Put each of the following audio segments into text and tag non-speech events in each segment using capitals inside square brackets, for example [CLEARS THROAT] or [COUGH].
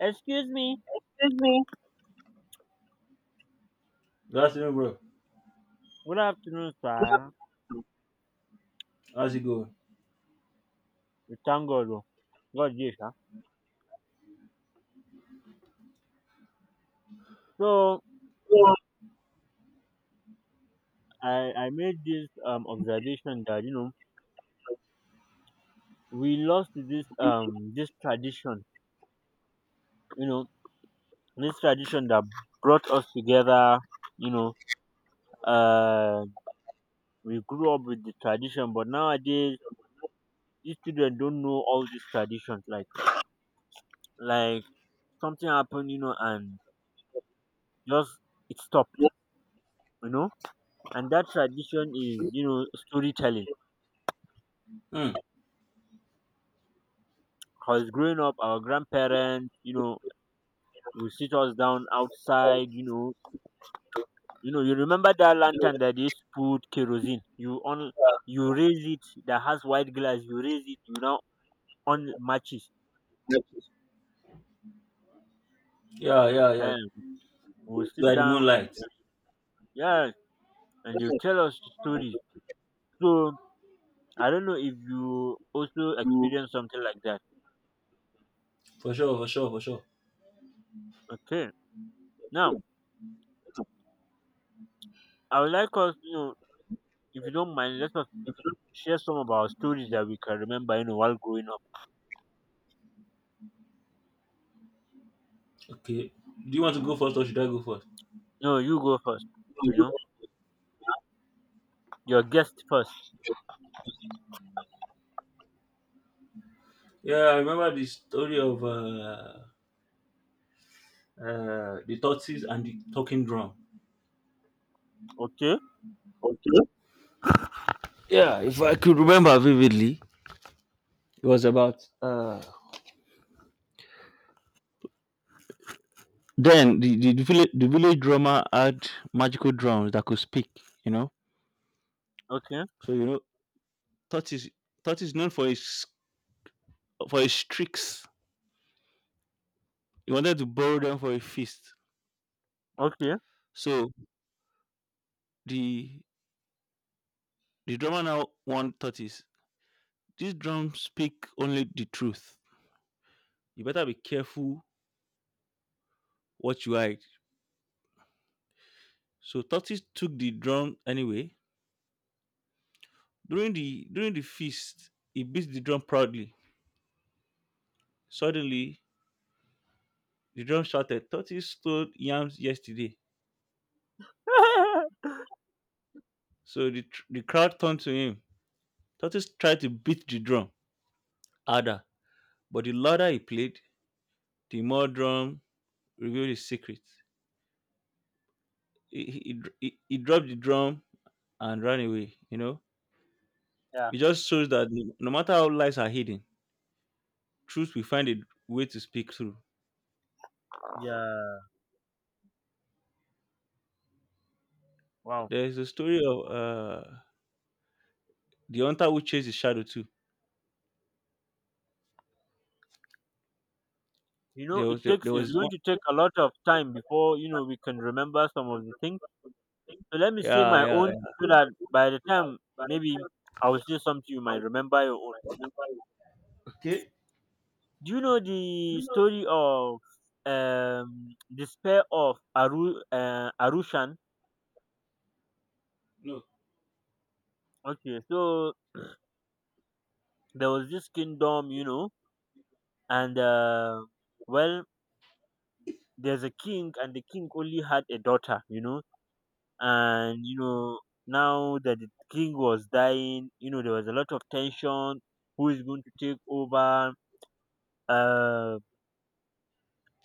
Excuse me. Good afternoon, bro. Good afternoon, sir. How's it going? We thank God. Oh God, yes, sir. So I made this observation that we lost this tradition. You know this tradition that brought us together. You know uh we grew up with the tradition, but nowadays these children don't know all these traditions. Like something happened, and just it stopped. You know, and that tradition is storytelling. Hmm. Because growing up, our grandparents, would sit us down outside. You remember that lantern that they used to put kerosene. You on, you raise it that has white glass. You raise it. You now on matches. Yeah, yeah, yeah. Ehen, we'll sit Like the down and moonlight. yeah, and they'll tell us stories. So I don't know if you also experience something like that. For sure, for sure, for sure. Okay, now I would like us, if you don't mind, let us share some of our stories that we can remember, while growing up. Okay. Do you want to go first or should I go first? No, you go first. You know. Your guest first. Yeah, I remember the story of the tortoise and the talking drum. Okay, Yeah, if I could remember vividly, it was about then the village drummer had magical drums that could speak, you know? okay, So, you know, tortoise, tortoise known for his tricks. He wanted to borrow them for a feast. okay. So The the drummer now won tortoise. This drum speak only the truth. You better be careful what you hide. So tortoise took the drum anyway. During the feast, he beat the drum proudly. Suddenly, the drum shouted, "Tortoise stole yams yesterday." [LAUGHS] So the crowd turned to him. Tortoise tried to beat the drum harder, but the louder he played, the more drum revealed his secret. He, dr- he dropped the drum and ran away. Yeah, It just shows that no matter how lies are hidden, truth will find a way to speak through. yeah. Wow. There is a story of the hunter who chased his shadow too. You know, There it was there, takes. there It's was one. going to take a lot of time before we can remember some of the things. So let me say Yeah, my yeah, own, yeah. so that by the time maybe I will say something, you might remember your own. Do you know the story of despair of Arushan? No. Okay, so there was this kingdom, you know, and well, there's a king and the king only had a daughter, you know and you know now that the king was dying, there was a lot of tension. Who is going to take over, uh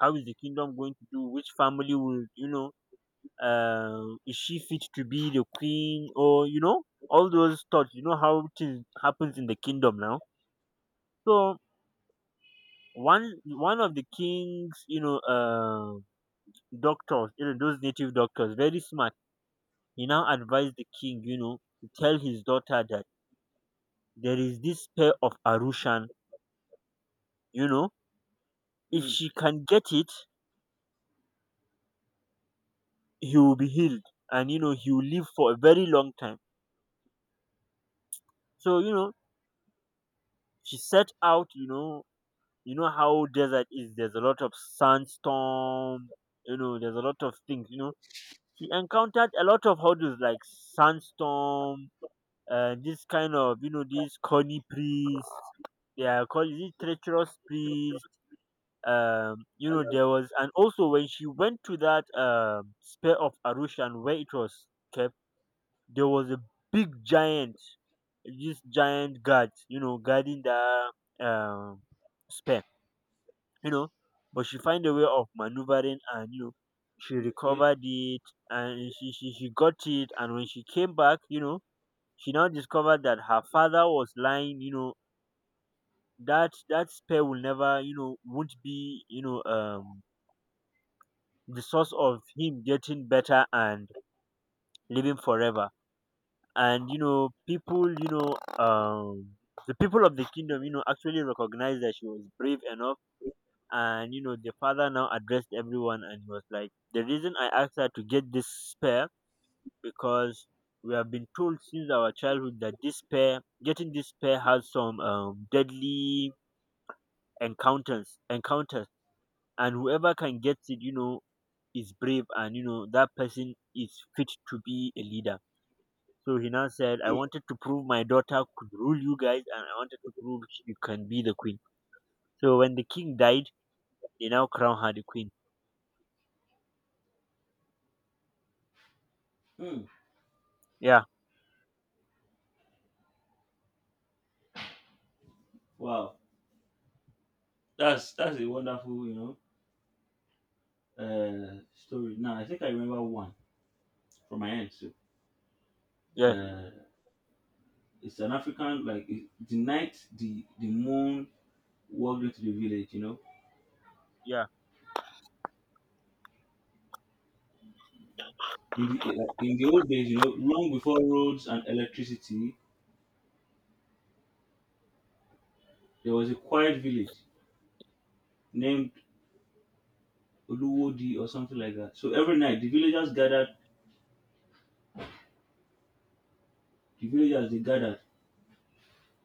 how is the kingdom going to do, which family will, is she fit to be the queen, or, all those thoughts, how things happens in the kingdom now. So one of the king's, doctors, those native doctors, very smart. He now advised the king, to tell his daughter that there is this pair of Arushan, you know, if Mm, she can get it, he will be healed and he will live for a very long time. So, she set out, you know how desert is, there's a lot of sandstorm, there's a lot of things, you know. She encountered a lot of hurdles like sandstorm, this kind of, these corny priests, they are called, is it treacherous priests, you know there was. And also when she went to that sphere of Arushan where it was kept, there was a big giant. This giant guard, guarding the um spare, you know. But she find a way of maneuvering and she recovered it, and she got it. And when she came back, she now discovered that her father was lying, that that spare will never, won't be, the source of him getting better and living forever. And people, the people of the kingdom, actually recognized that she was brave enough. And the father now addressed everyone and he was like, "The reason I asked her to get this spare because we have been told since our childhood that this pair, getting this pair, has some, deadly encounters, and whoever can get it, is brave, and that person is fit to be a leader. So he now said, I wanted to prove my daughter could rule you guys, and I wanted to prove you can be the queen." So when the king died, they now crown her the queen. mm. Yeah, Wow, that's a wonderful story. Now I think I remember one from my end too. yes, Uh, it's an African like it, the night the moon walked into the village. You know, yeah. in the old days, you know, long before roads and electricity, there was a quiet village named Oluwodi or something like that. So every night the villagers they gathered,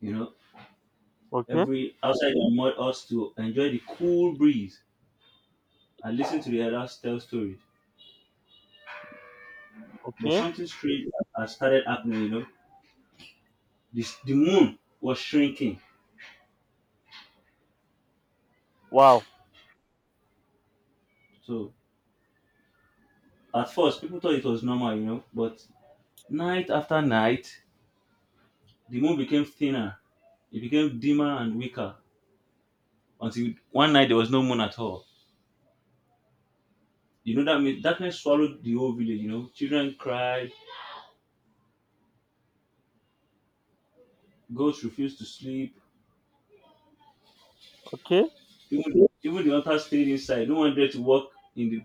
you know, Okay, every outside the mud us to enjoy the cool breeze and listen to the elders tell stories. But okay, something strange had started happening, you know. The moon was shrinking. wow, So at first people thought it was normal, you know, but night after night the moon became thinner. It became dimmer and weaker until one night there was no moon at all. You know, that mean darkness swallowed the whole village, you know. Children cried, goats refused to sleep, okay, even the hunters stayed inside. No one dared to walk in the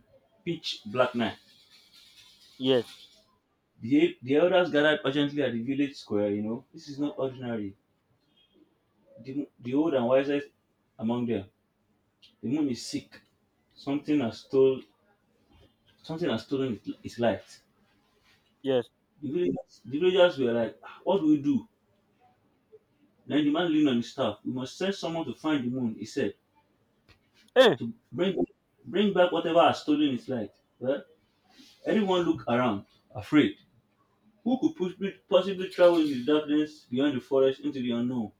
pitch black night. yes, The elders gathered urgently at the village square, you know. This is not ordinary. The old and wisest among them. The moon is sick. Something has stole something has stolen its light. yes. The villagers were like, "Ah, what do we do?" Then the man leaned on his staff. "We must send someone to find the moon," he said. Eh, To bring back whatever are stolen is like. Well, everyone looked around, afraid. Who could possibly travel in the darkness beyond the forest into the unknown?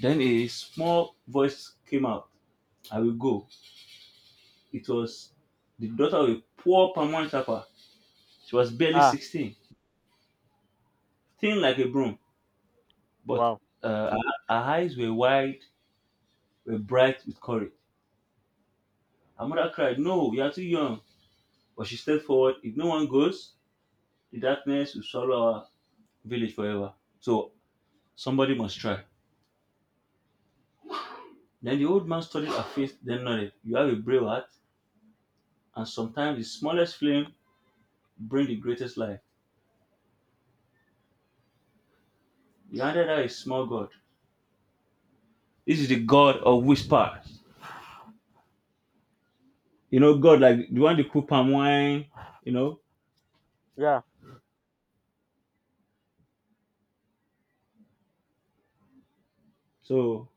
Then a small voice came out. "I will go." It was the daughter of a poor palm wine tapper. She was barely ah, 16, thin like a broom, but wow, uh, her, her eyes were wide, were bright with courage. Her mother cried, "No, you are too young." But she stepped forward. If no one goes, the darkness will swallow her village forever. So somebody must try. Then the old man studied her face, then nodded. "You have a brave heart, and sometimes the smallest flame bring the greatest light." He handed her a small god. "This is the god of whispers." You know, God, like the one that cook palm wine, you know. yeah, So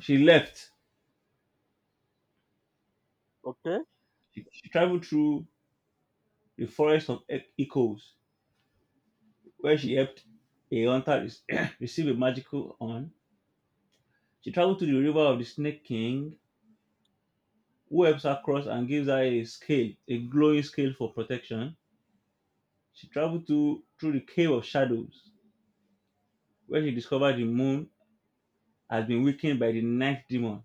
she left. okay, She traveled through the forest of echoes, where she helped a hunter [CLEARS THROAT] receive a magical horn. She traveled to the river of the snake king, who helps her cross and gives her a scale, a glowing scale for protection. She traveled to through the cave of shadows, where she discovered the moon has been weakened by the night demon,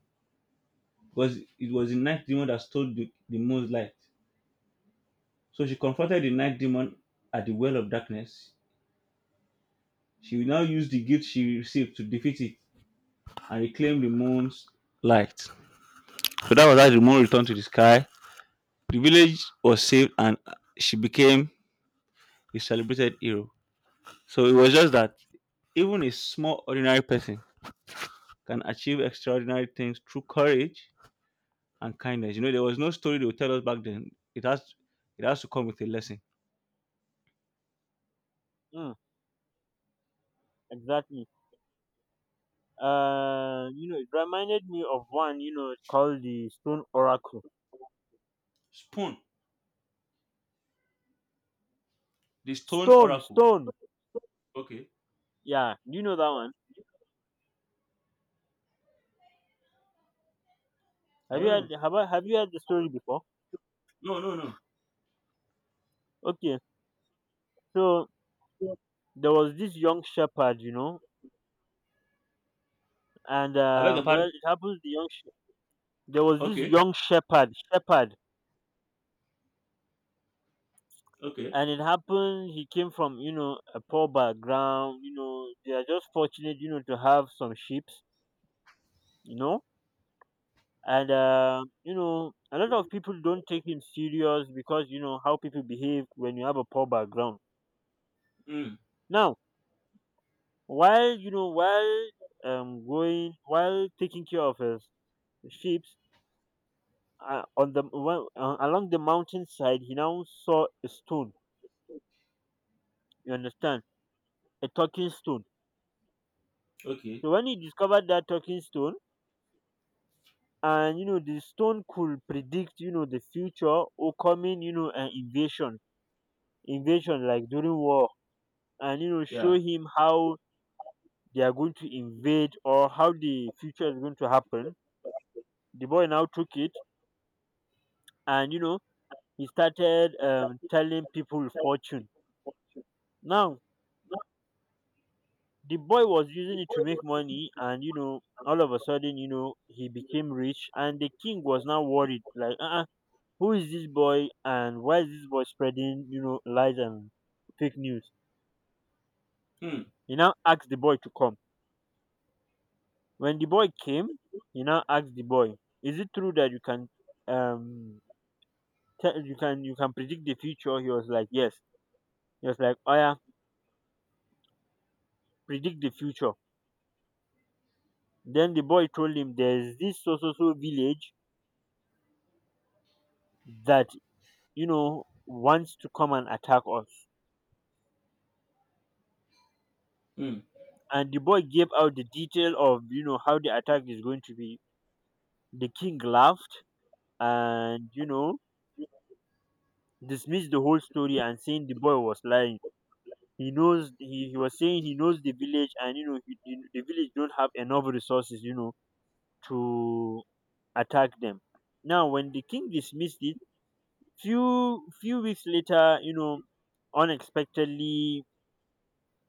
because it was the night demon that stole the moon's light. So she confronted the night demon at the well of darkness. She will now use the gift she received to defeat it and reclaim the moon's light. So that was how the moon returned to the sky. The village was saved and she became a celebrated hero. So it was just that even a small ordinary person can achieve extraordinary things through courage and kindness. You know, there was no story they would tell us back then. It has to come with a lesson. mm, exactly. You know, it reminded me of one, called the Stone Oracle. Spoon, the stone Stone, oracle. stone. Okay. Yeah, do you know that one? I Have you don't had, know. have I, have you had the story before? No, no, no. Okay, so there was this young shepherd, you know, and I beg your pardon. well, it happens the there was this Okay. young shepherd, Okay. and it happened he came from, a poor background, they are just fortunate, to have some sheep, you know, you know a lot of people don't take him serious because you know how people behave when you have a poor background. Mm. Now, while you know while going while taking care of his sheep, on the well, along the mountainside, he now saw a stone. You understand, a talking stone. Okay. So when he discovered that talking stone, and the stone could predict, the future or coming, an invasion, invasion like during war, and show Yeah. him how they are going to invade or how the future is going to happen. The boy now took it, and he started, telling people fortune. Now the boy was using it to make money, and all of a sudden, he became rich, and the king was now worried like, uh-uh, who is this boy and why is this boy spreading, lies and fake news. Mm. He now asked the boy to come. When the boy came, he now asked the boy, is it true that you can, um you can predict the future? He was like yes. He was like, oh yeah, predict the future. Then the boy told him, there's this so so so village that, wants to come and attack us. Mm. And the boy gave out the detail of, how the attack is going to be. The king laughed and, dismissed the whole story, and saying the boy was lying. He knows, he was saying he knows the village, and the village don't have enough resources, to attack them. Now when the king dismissed it, few weeks later, unexpectedly,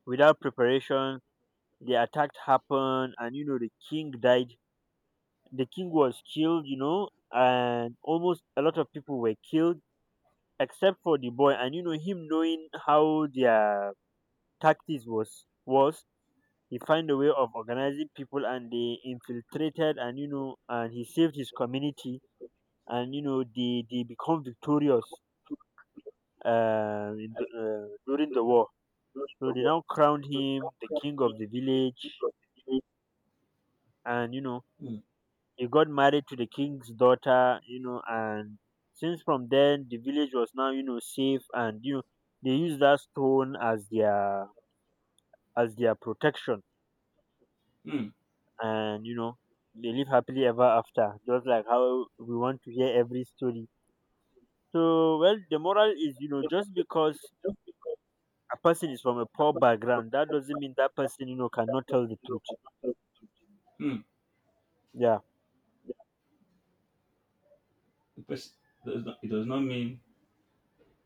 without preparation, the attack happened, and the king died. The king was killed, and almost a lot of people were killed, except for the boy. And him knowing how their tactics was, he find a way of organizing people, and they infiltrated, and and he saved his community, and they become victorious, during the war. So they now crowned him the king of the village. And Mm. he got married to the king's daughter, and since from then the village was now, safe. And they use that stone as their protection. Mm. And they live happily ever after, just like how we want to hear every story. So well, the moral is, just because a person is from a poor background, that doesn't mean that person, cannot tell the truth. Mm. Yeah. The person does not, it does not mean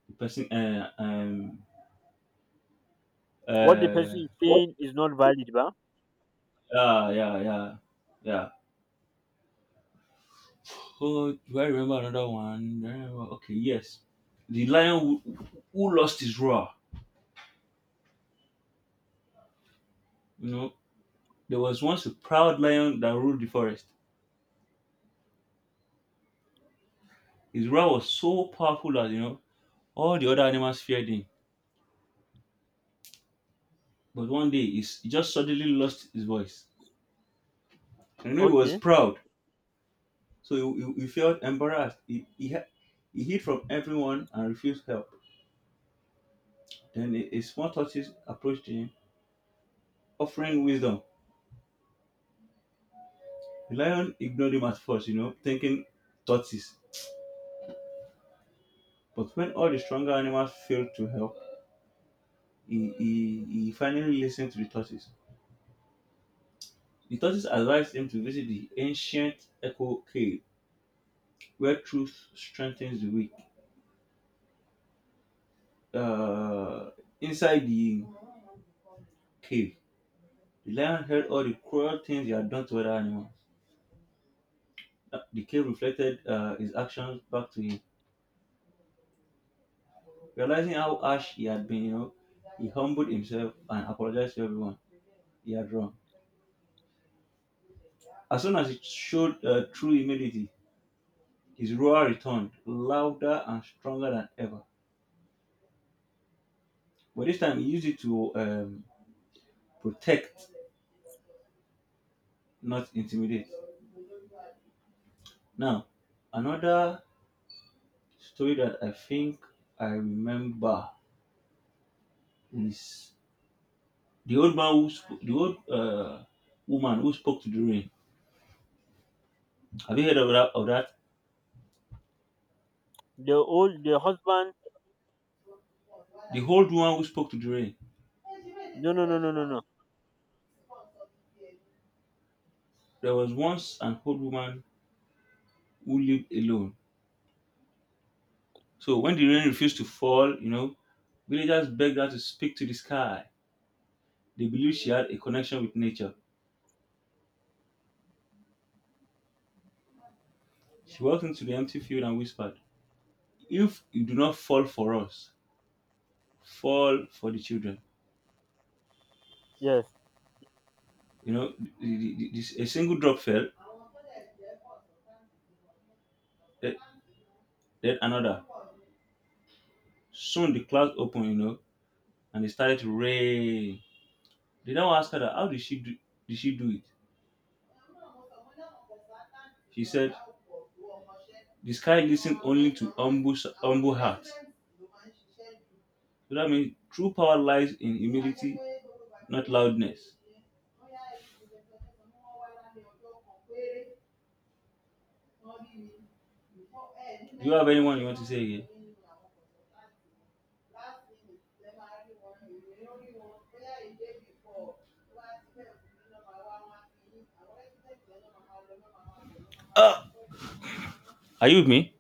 the person What the uh person is saying is not valid, but yeah, yeah, yeah, yeah. Oh, do I remember another one? Okay, yes. The lion who lost his roar. You know, there was once a proud lion that ruled the forest. His roar was so powerful that, you know, all the other animals feared him. But one day, he just suddenly lost his voice. You know, he was okay. proud. So he felt embarrassed. He hid from everyone and refused help. Then a small tortoise approached him, offering wisdom. The lion ignored him at first, you know, thinking tortoise. But when all the stronger animals failed to help, he finally listened to the tortoise. The tortoise advised him to visit the ancient echo cave, where truth strengthens the weak. Uh, Inside the cave, the lion heard all the cruel things he had done to other animals. The cave reflected his actions back to him. Realizing how harsh he had been, you know, he humbled himself and apologized to everyone he had wronged. As soon as he showed true humility, his roar returned, louder and stronger than ever. But this time he used it to protect, not intimidate. Now, another story that I think I remember is the old woman who spoke to the rain. Have you heard of that? The old, the husband, The old woman who spoke to the rain. no no no no no no. There was once an old woman who lived alone. So when the rain refused to fall, you know, villagers begged her to speak to the sky. They believed she had a connection with nature. She walked into the empty field and whispered, "If you do not fall for us, fall for the children." Yes. You know, a single drop fell, then another. Soon the clouds opened, you know, and it started to rain. They now asked her, that, how did she do, it? She said, "The sky listens only to humble, humble hearts." So that means true power lies in humility, not loudness. Do you have anyone you want to say again? Uh, are you with me?